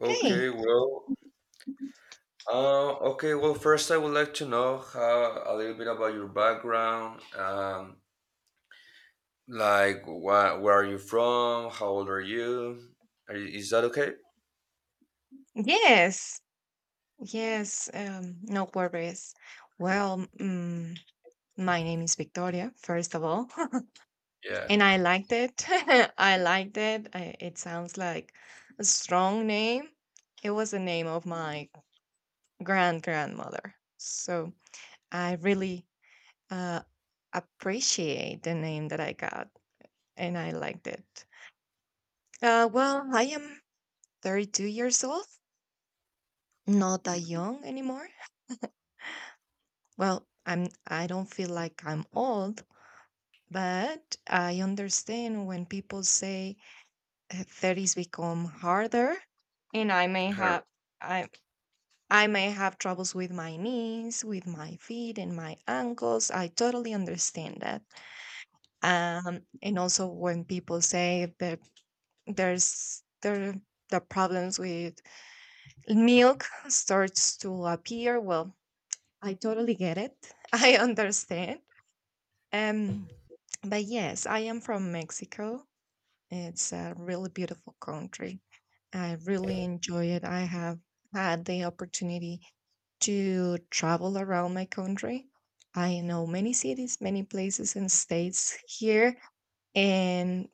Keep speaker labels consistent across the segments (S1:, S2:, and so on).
S1: Okay,
S2: Hey,
S1: well, first I would like to know how, a little bit about your background. Where are you from? How old are you? Are you is that okay?
S2: yes, yes, no worries. Well, my name is Victoria, first of all, and
S1: Yeah.
S2: I liked it. I liked it. It sounds like a strong name. It was the name of my grandmother. So I really uh, appreciate the name that I got, and I liked it. Well, I am 32 years old, not that young anymore. Well, I don't feel like I'm old, but I understand when people say 30s become harder and I may have I I may have troubles with my knees, with my feet and my ankles. I totally understand that. Um, and also when people say that there the problems with milk starts to appear, well, I totally get it. I understand. Um But yes, I am from Mexico. It's a really beautiful country. I really enjoy it. I have had the opportunity to travel around my country. I know many cities, many places and states here, and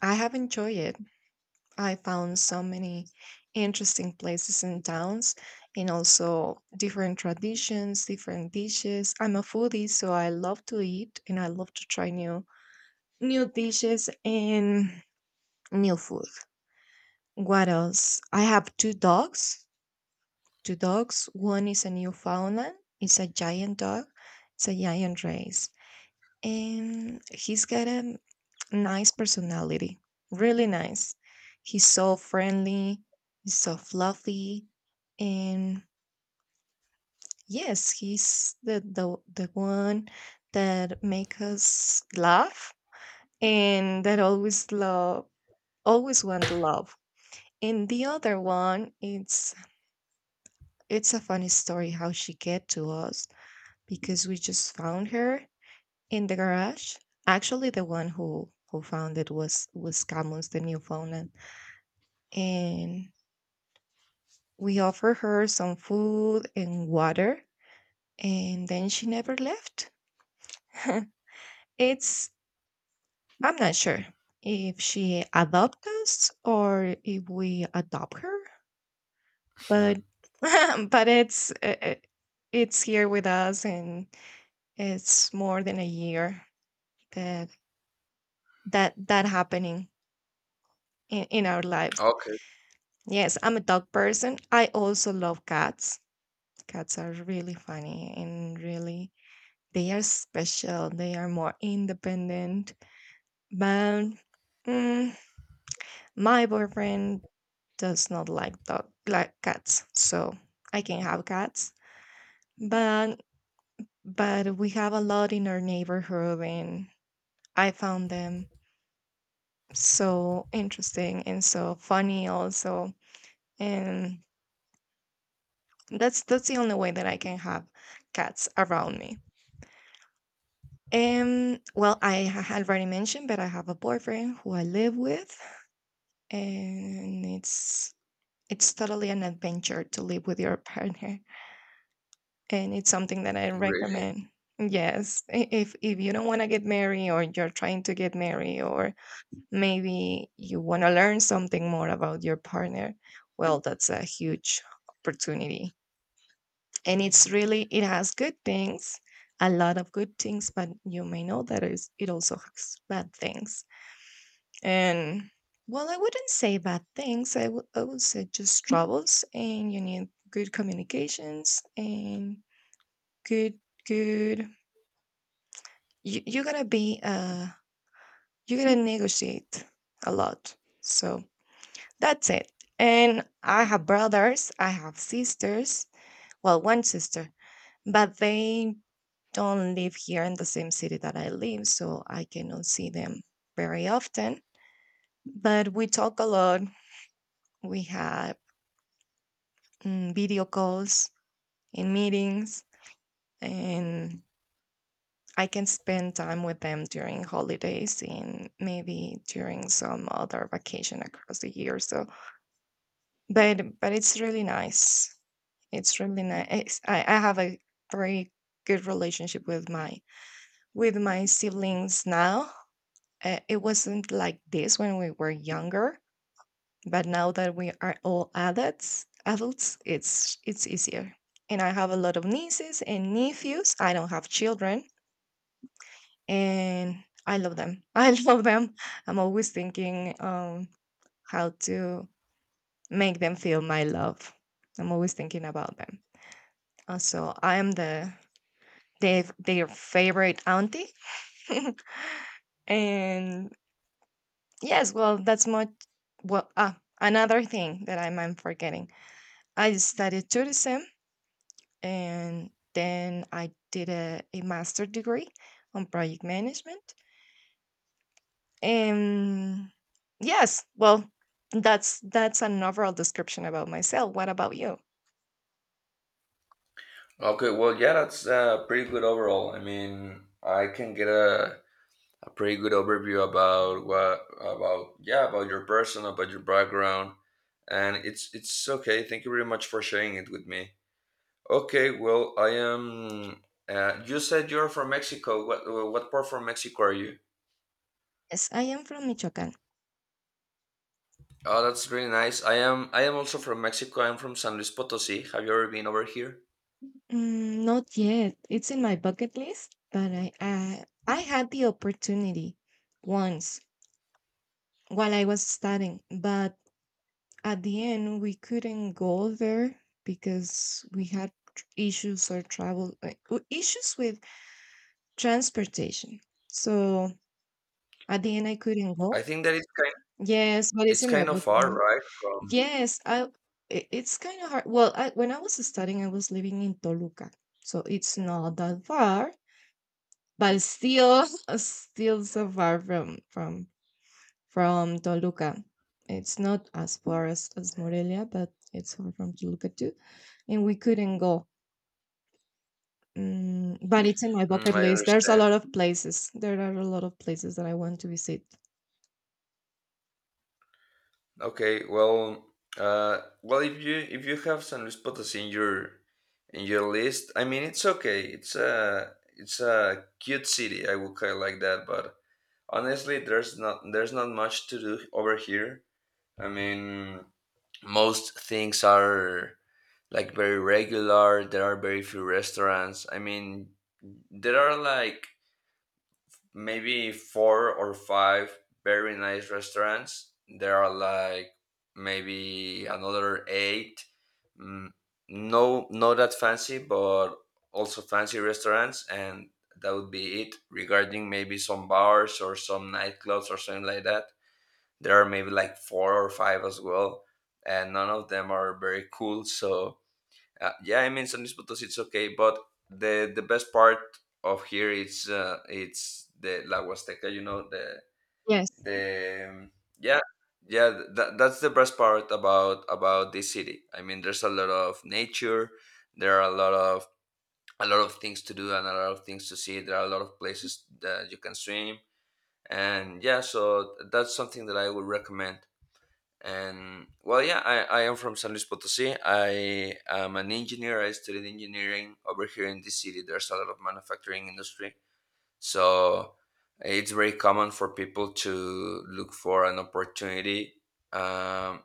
S2: I have enjoyed it. I found so many interesting places and towns, and also different traditions, different dishes. I'm a foodie, so I love to eat and I love to try new dishes and new food. What else? I have two dogs. Two dogs. One is a Newfoundland. It's a giant dog. It's a giant race. And he's got a nice personality. Really nice. He's so friendly. He's so fluffy. And yes, he's the one that make us laugh and that always love, always want love. In the other one, it's a funny story how she get to us because we just found her in the garage. Actually, the one who found it was Camus, the Newfoundland, and we offered her some food and water, and then she never left. It's, I'm not sure if she adopt us or if we adopt her, but but it's it's here with us and it's more than a year that that happening in our lives.
S1: Okay,
S2: Yes, I'm a dog person. I also love cats. Cats are really funny and really, they are special, they are more independent, but mm, my boyfriend does not like dog like cats, so I can have cats, but but we have a lot in our neighborhood and I found them so interesting and so funny also, and that's the only way that I can have cats around me. Um, well, I had already mentioned but I have a boyfriend who I live with, and it's totally an adventure to live with your partner, and it's something that I
S1: really.
S2: recommend. Yes, if you don't want to get married or you're trying to get married or maybe you want to learn something more about your partner, well, that's a huge opportunity. And it's really, it has good things, a lot of good things, but you may know that it also has bad things. And well, I wouldn't say bad things. I would say just troubles, and you need good communications and good, good. You gotta be, you gotta negotiate a lot. So that's it. And I have brothers, I have sisters, well, one sister, but they don't live here in the same city that I live, so I cannot see them very often. But we talk a lot. We have, video calls in meetings, and I can spend time with them during holidays and maybe during some other vacation across the year. So, but it's really nice. It's really nice. I have a very good relationship with my siblings now. It wasn't like this when we were younger, but now that we are all adults, it's easier. And I have a lot of nieces and nephews. I don't have children, and I love them. I love them. I'm always thinking how to make them feel my love. I'm always thinking about them. So I am the their favorite auntie. And yes, well, that's much. Well, another thing that I'm forgetting. I studied tourism, and then I did a master degree on project management. And yes, well, that's an overall description about myself. What about you?
S1: Okay, well, yeah, that's pretty good overall. I mean, I can get a pretty good overview about what about yeah about your person, about your background, and it's okay. Thank you very much for sharing it with me. Okay, well, I am. You said you're from Mexico. What part from Mexico are you?
S2: Yes, I am from Michoacán.
S1: Oh, that's really nice. I am. I am also from Mexico. I'm from San Luis Potosi. Have you ever been over here?
S2: Mm, not yet. It's in my bucket list, but I had the opportunity once while I was studying, but at the end we couldn't go there because we had issues or travel like, issues with transportation. So at the end I couldn't
S1: I
S2: go.
S1: think that it's kind.
S2: Yes, but it's
S1: It's
S2: in my
S1: kind of
S2: book.
S1: far, right? From.
S2: Yes, I. It's kind of hard. Well, I, when I was studying, I was living in Toluca, so it's not that far, but still, still so far from from Toluca. It's not as far as Morelia, but it's far from Toluca too. And we couldn't go. Mm, but it's in my
S1: Mm,
S2: bucket
S1: I
S2: list. There's a
S1: understand.
S2: lot of places. There are a lot of places that I want to visit.
S1: Okay. Well. Well, if you have San Luis Potosi in your list, I mean, it's okay. It's a cute city. I would call it like that, but honestly, there's not much to do over here. I mean, most things are like very regular. There are very few restaurants. I mean, there are like maybe four or five very nice restaurants. There are like maybe another eight. Mm, no, not that fancy, but also fancy restaurants, and that would be it. Regarding maybe some bars or some nightclubs or something like that, there are maybe like four or five as well, and none of them are very cool. So yeah, I mean, San Luis Potosi, it's okay, but the best part of here is it's the La Huasteca, you know, the
S2: Yes.
S1: the um, yeah, that's the best part about this city. I mean, there's a lot of nature, there are a lot of things to do and a lot of things to see. There are a lot of places that you can swim, and yeah, so that's something that I would recommend. And well, yeah, I am from San Luis Potosi. I am an engineer. I studied engineering over here in this city. There's a lot of manufacturing industry, so it's very common for people to look for an opportunity, um,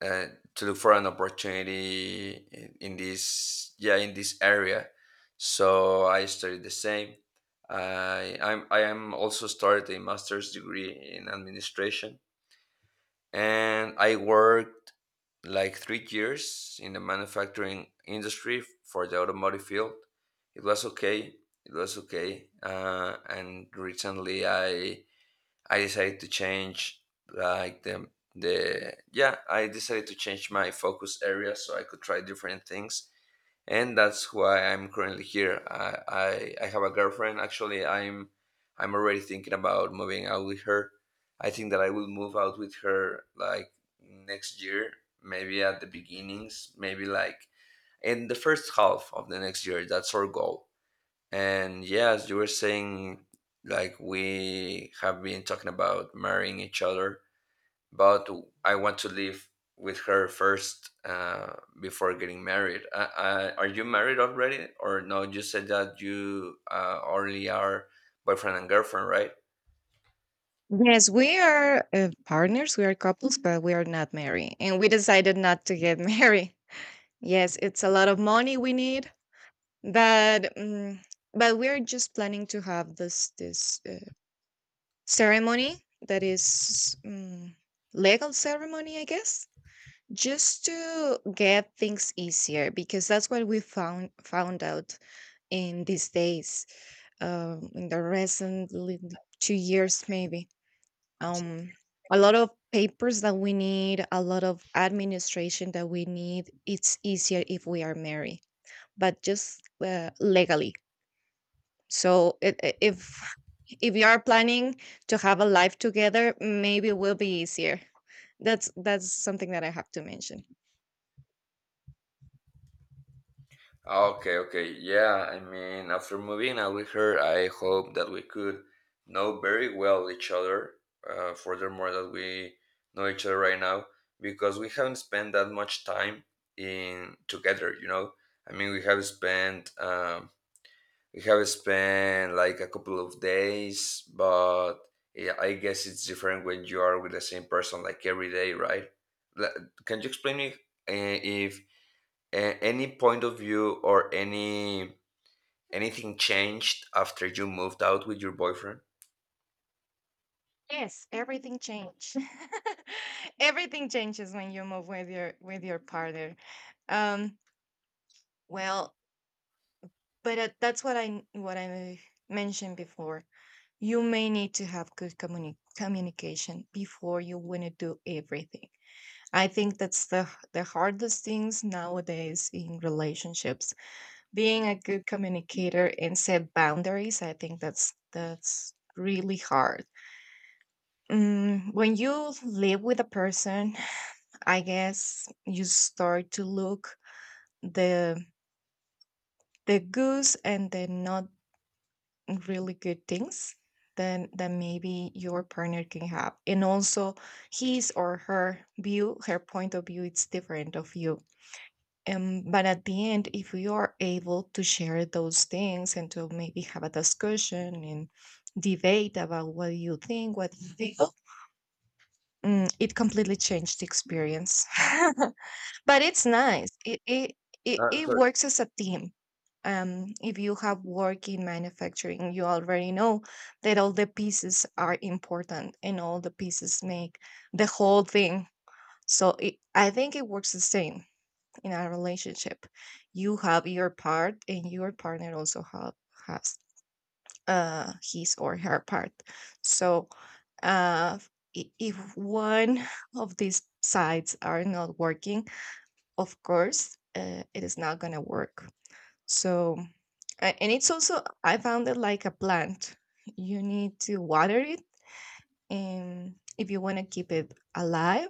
S1: uh, to look for an opportunity in in this area. So I studied the same. I am also started a master's degree in administration, and I worked like 3 years in the manufacturing industry for the automotive field. It was okay. It was okay. And recently, I decided to change like the. I decided to change my focus area so I could try different things, and that's why I'm currently here. I have a girlfriend. Actually, I'm already thinking about moving out with her. I think that I will move out with her like next year, maybe at the beginnings, maybe like in the first half of the next year. That's our goal. And yeah, as you were saying, like, we have been talking about marrying each other, but I want to live with her first before getting married. Are you married already, or no? You said that you already are boyfriend and girlfriend, right?
S2: Yes, we are partners, we are couples, but we are not married. And we decided not to get married. Yes, it's a lot of money we need, but um, but we're just planning to have this ceremony that is, legal ceremony I guess, just to get things easier because that's what we found out in these days, in the recent 2 years maybe. Um, a lot of papers that we need, a lot of administration that we need, it's easier if we are married but just legally. So if you are planning to have a life together, maybe it will be easier. That's something that I have to mention.
S1: Okay, okay, yeah. I mean, after moving out with her, I hope that we could know very well each other. Furthermore, that we know each other right now because we haven't spent that much time in together. You know, I mean, we have spent We have spent like a couple of days, but yeah, I guess it's different when you are with the same person like every day, right? Like, can you explain me if any point of view or any anything changed after you moved out with your boyfriend?
S2: Yes, everything changed. Everything changes when you move with your partner. Um, well, but that's what I mentioned before. You may need to have good communication before you want to do everything. I think that's the hardest things nowadays in relationships. Being a good communicator and set boundaries, I think that's really hard. Mm, when you live with a person, I guess you start to look the the goods and the not really good things then that maybe your partner can have, and also his or her view her point of view it's different of you. But at the end, if we are able to share those things and to maybe have a discussion and debate about what you think, it completely changed the experience. But it's nice. It it
S1: Sorry.
S2: works as a team. If you have work in manufacturing, you already know that all the pieces are important and all the pieces make the whole thing. So I think it works the same in a relationship. You have your part and your partner also have has his or her part, so uh if one of these sides are not working, of course it is not gonna work. So and it's also, I found it like a plant, you need to water it, and if you want to keep it alive.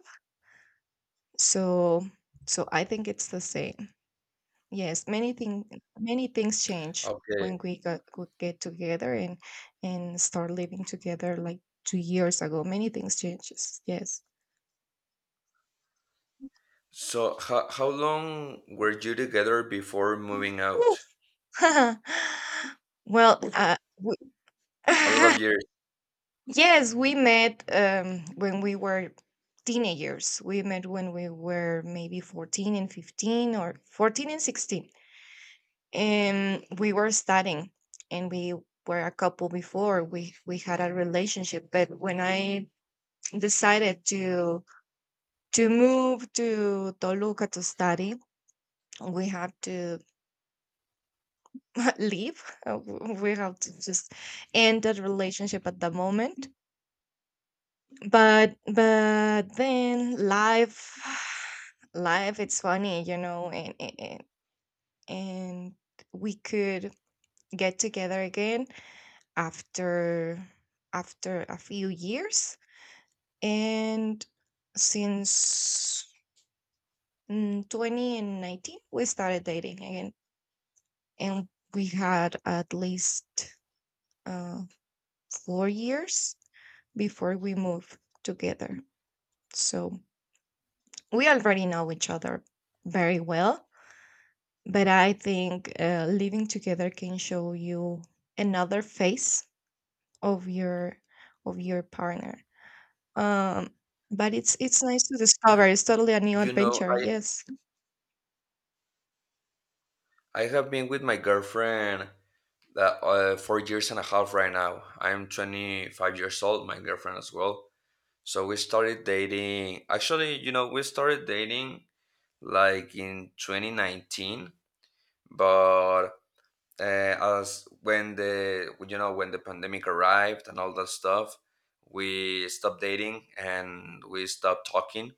S2: So so I think it's the same. Yes, many things change
S1: Okay.
S2: when we could get together and start living together like 2 years ago. Many things changes. Yes.
S1: So how long were you together before moving
S2: Ooh.
S1: out?
S2: Well, we,
S1: A lot of years.
S2: yes, we met when we were teenagers. We met when we were maybe 14 and 15, or 14 and 16, and we were studying, and we were a couple before we had a relationship. But when I decided to move to Toluca to study, we had to leave. We have to just end that relationship at the moment. But then life, life, it's funny, you know, and we could get together again after after a few years. And since in 2019 we started dating again and we had at least uh, 4 years before we moved together, so we already know each other very well, but I think living together can show you another face of your of your partner. um but it's nice to discover. It's totally a new
S1: You know,
S2: adventure. Yes.
S1: I have been with my girlfriend that 4 years and a half right now. I'm 25 years old, my girlfriend as well. So we started dating. Actually, you know, we started dating like in 2019, but uh, as when the when the pandemic arrived and all that stuff, we stopped dating and we stopped talking.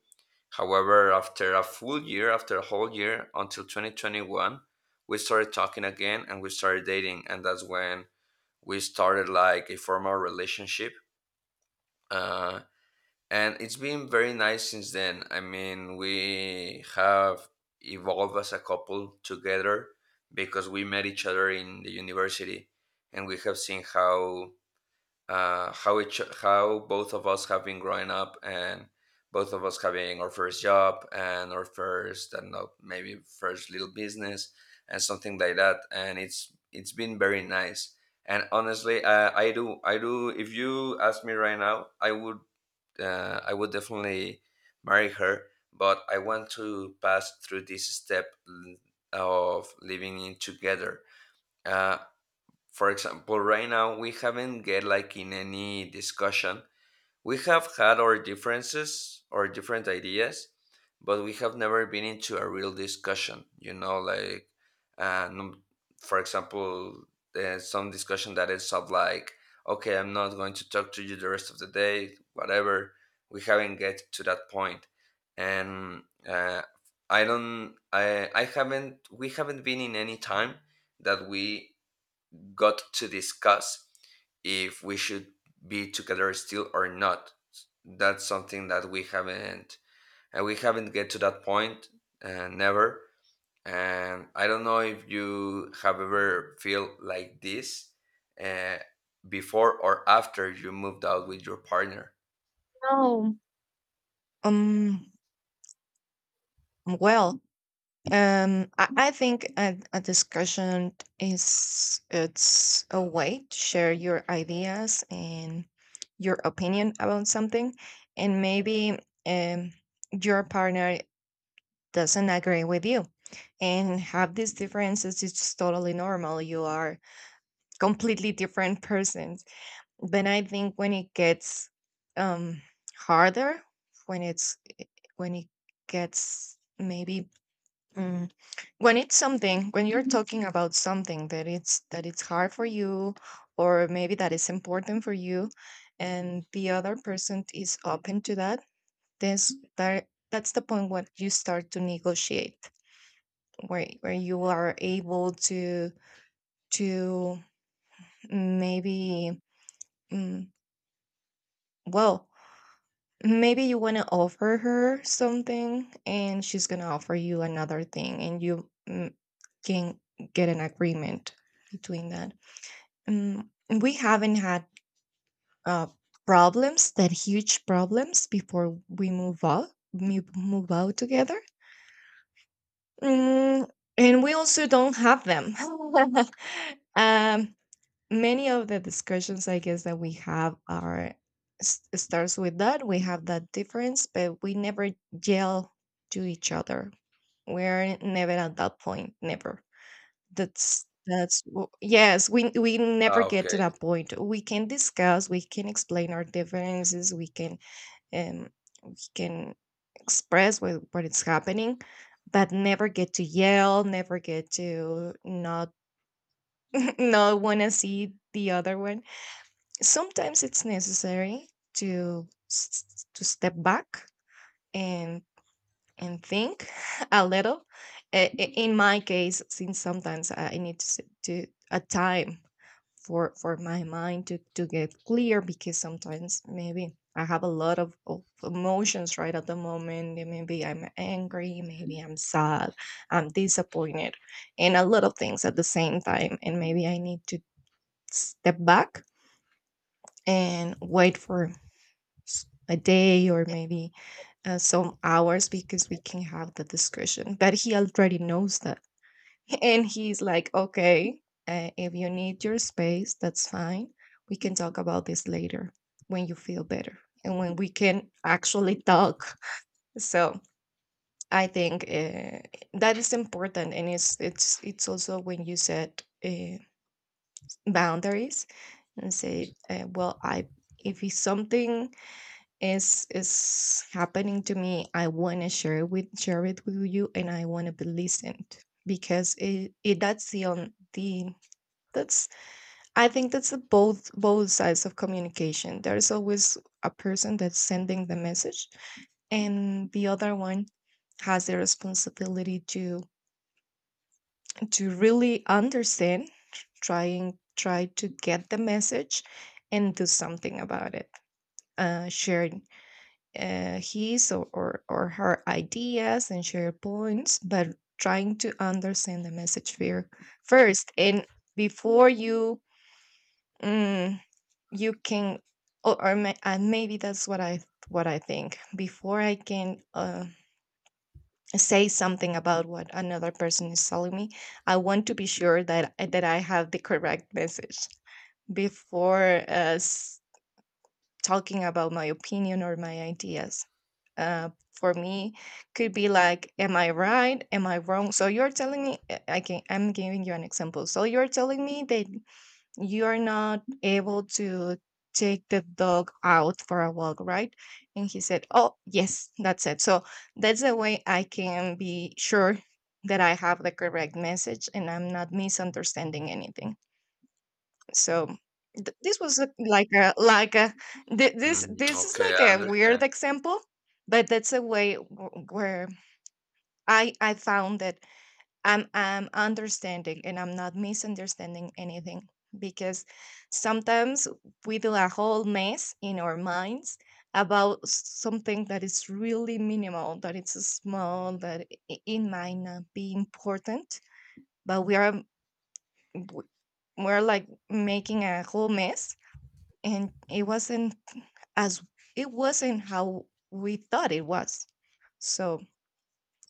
S1: However, after a full year, after a whole year until 2021, we started talking again and we started dating, and that's when we started like a formal relationship. Uh and it's been very nice since then. I mean, we have evolved as a couple together because we met each other in the university, and we have seen how each how both of us have been growing up, and both of us having our first job and our first and maybe first little business and something like that. And it's been very nice. And honestly, I do if you ask me right now, I would definitely marry her, but I want to pass through this step of living in together. Uh, for example, right now we haven't get like in any discussion, we have had our differences or different ideas, but we have never been into a real discussion, you know, like, uh, num- for example, there's some discussion that is of like, okay, I'm not going to talk to you the rest of the day, whatever. We haven't get to that point. And I don't, I haven't, we haven't been in any time that we got to discuss if we should be together still or not. That's something that we haven't, and we haven't get to that point never. And I don't know if you have ever feel like this uh, before or after you moved out with your partner.
S2: no um well I think a discussion is it's a way to share your ideas and your opinion about something, and maybe um, your partner doesn't agree with you, and have these differences. It's totally normal. You are completely different persons, but I think when it gets, um, harder, when it's when it gets maybe. mm, when it's something, when you're talking about something that it's hard for you, or maybe that is important for you, and the other person is open to that, this that that's the point where you start to negotiate, where you are able to to maybe, mm, well, maybe you want to offer her something, and she's going to offer you another thing, and you can get an agreement between that. Mm, we haven't had uh, problems that huge problems before we move out together. mm, and we also don't have them. um, Many of the discussions, I guess, that we have are starts with that we have that difference, but we never yell to each other. We're never at that point, never. Yes, we never
S1: Ah,
S2: get to
S1: okay.
S2: that point. We can discuss, we can explain our differences, um we can express what is happening, but never get to yell, never get to not not want to see the other one. Sometimes it's necessary to step back and think a little. In my case, since sometimes I need to a time for my mind to get clear, because sometimes maybe I have a lot of emotions right at the moment. And maybe I'm angry, maybe I'm sad, I'm disappointed, and a lot of things at the same time. And maybe I need to step back and wait for a day, or maybe some hours, because we can have the discussion. But he already knows that. And he's like, okay, if you need your space, that's fine. We can talk about this later, when you feel better and when we can actually talk. So I think that is important, and it's also when you set boundaries and say, well, I if it's something is happening to me, I want to share with share it with you, and I want to be listened, because it that's the on the that's I think that's the both sides of communication. There's always a person that's sending the message, and the other one has the responsibility to really understand, try to get the message and do something about it. Share his or her ideas and share points, but trying to understand the message, first. And before you mm, you can, or may, and maybe that's what I think before I can say something about what another person is telling me. I want to be sure that I have the correct message before talking about my opinion or my ideas. For me, could be like, am I right, am I wrong? So you're telling me, I'm giving you an example. So you're telling me that you're not able to take the dog out for a walk, right? And he said, oh, yes, that's it. So that's the way I can be sure that I have the correct message and I'm not misunderstanding anything. So th- this was a- like a, like a,
S1: Mm,
S2: this is
S1: okay,
S2: like
S1: I
S2: a
S1: understand.
S2: weird example, but that's a way where I found that I'm understanding and I'm not misunderstanding anything, because sometimes we do a whole mess in our minds about something that is really minimal, that it's small, that it might not be important, but we are w- we're like making a whole mess, and it wasn't as it wasn't how we thought it was. So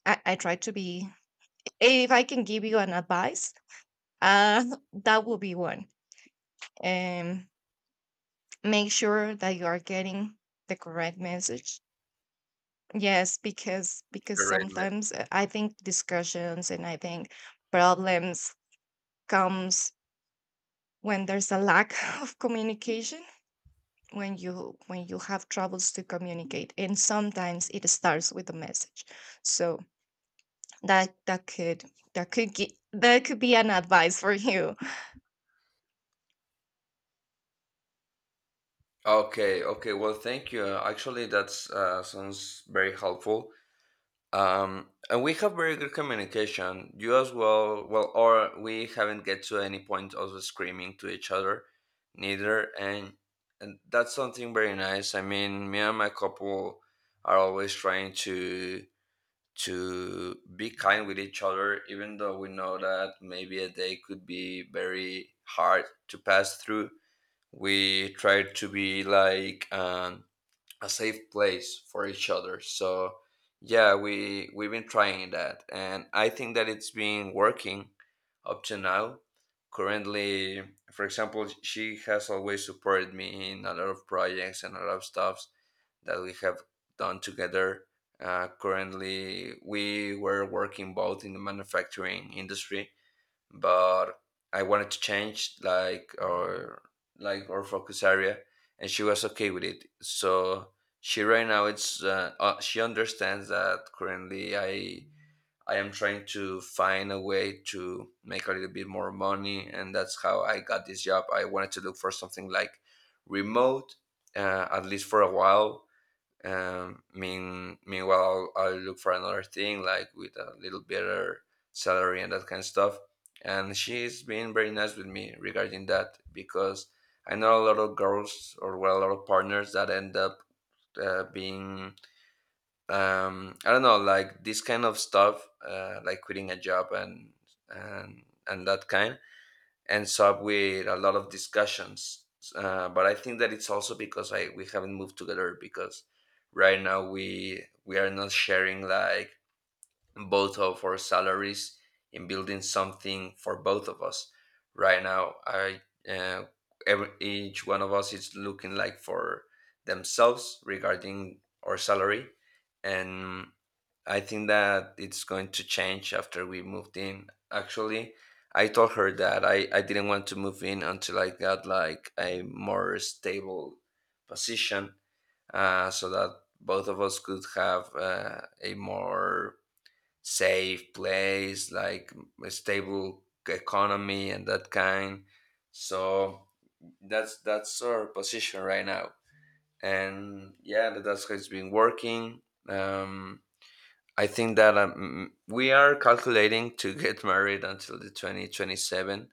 S2: I try to be. If I can give you an advice, Uh, that will be one. Um, Make sure that you are getting the correct message. Yes, because
S1: Great, man.
S2: sometimes I think discussions, and I think problems comes when there's a lack of communication, when you have troubles to communicate, and sometimes it starts with a message. So that that could that could be an advice for you.
S1: Okay, okay. Well, thank you. Actually, that's sounds very helpful. And we have very good communication. You as well, well, or we haven't get to any point of screaming to each other, neither. And that's something very nice. I mean, me and my couple are always trying to be kind with each other, even though we know that maybe a day could be very hard to pass through. We try to be like a safe place for each other. So yeah, we we've been trying that, and I think that it's been working up to now. Currently, for example, she has always supported me in a lot of projects and a lot of stuffs that we have done together. Currently, we were working both in the manufacturing industry, but I wanted to change like our focus area, and she was okay with it. So she right now it's she understands that currently I am trying to find a way to make a little bit more money, and that's how I got this job. I wanted to look for something like remote, at least for a while, meanwhile, I'll look for another thing, like with a little better salary and that kind of stuff. And she's been very nice with me regarding that because I know a lot of girls or well, a lot of partners that end up being I don't know, like this kind of stuff, like quitting a job and that kind ends up with a lot of discussions. But I think that it's also because I we haven't moved together because right now we are not sharing like both of our salaries in building something for both of us. Right now, I uh, every, each one of us is looking like for themselves regarding our salary, and I think that it's going to change after we moved in. Actually, I told her that I didn't want to move in until I got like a more stable position, so that both of us could have a more safe place, like a stable economy and that kind. So that's our position right now, and yeah, that's how it's been working. Um, I think that we are calculating to get married until the 2027.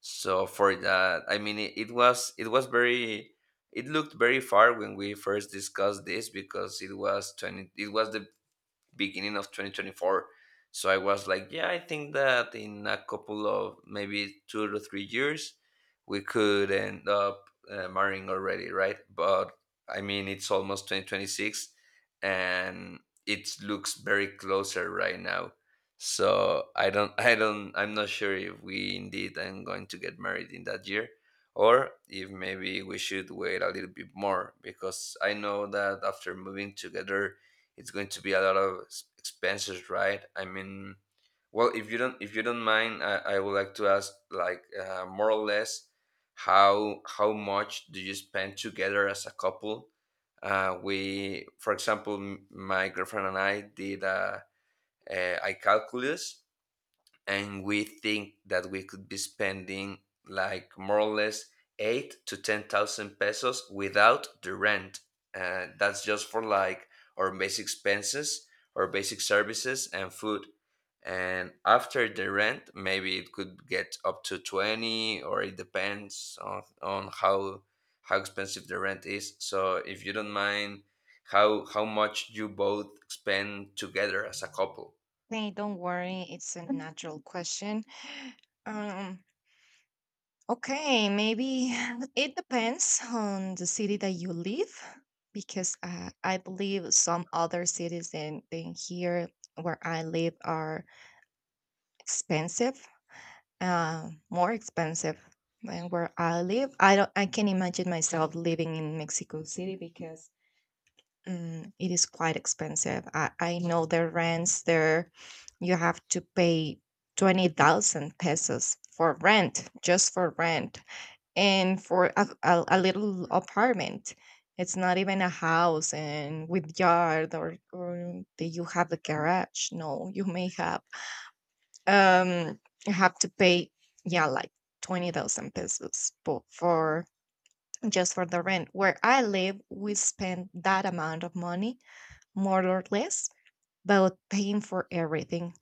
S1: So for that, I mean, it was very, it looked very far when we first discussed this because it was 20 it was the beginning of 2024, so I was like yeah, I think that in a couple of maybe 2 to 3 years we could end up marrying already, right? But I mean, it's almost 2026, and it looks very closer right now. So I don't I don't, I'm not sure if we indeed am going to get married in that year, or if maybe we should wait a little bit more, because I know that after moving together, it's going to be a lot of expenses, right? I mean, well, if you don't mind, I would like to ask like more or less how much do you spend together as a couple. We for example my girlfriend and I did a calculus, and we think that we could be spending like more or less 8 to 10 thousand pesos without the rent. That's just for like our basic expenses, our basic services, and food. And after the rent, maybe it could get up to 20, or it depends on how expensive the rent is. So if you don't mind, how much you both spend together as a couple?
S2: Hey, don't worry, it's a natural question. Um, Okay, maybe it depends on the city that you live, because I believe some other cities than here where I live are expensive, more expensive than where I live. I don't, I can imagine myself living in Mexico City, because it is quite expensive. I know the rents there. You have to pay 20,000 pesos for rent, just for rent, and for a little apartment. It's not even a house, and with yard, or that you have a garage. No, you may um have to pay, yeah, like 20,000 pesos, for just for the rent. Where I live, we spend that amount of money, more or less, but paying for everything,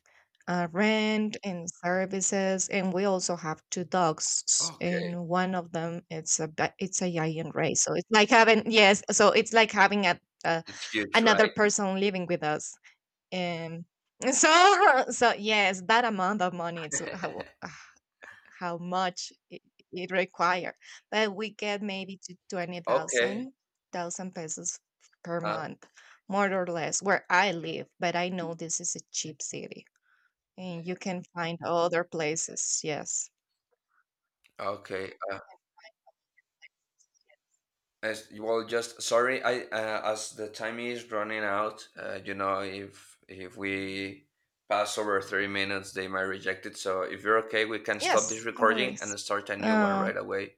S2: rent and services. And we also have 2 dogs,
S1: Okay,
S2: and one of them, it's a giant race. So it's like having yes, so it's like having
S1: it's huge,
S2: another
S1: right?
S2: person living with us. Um, so so yes, that amount of money, it's how much it require. But we get maybe to twenty
S1: Okay.
S2: thousand thousand pesos per
S1: Uh,
S2: month, more or less, where I live. But I know this is a cheap city and you can find other places. Yes,
S1: okay. Well, just sorry. I as the time is running out. You know, if we pass over 3 minutes, they might reject it. So if you're okay, we can stop
S2: yes,
S1: this
S2: no
S1: recording
S2: worries.
S1: and start a new one
S2: Uh,
S1: right away.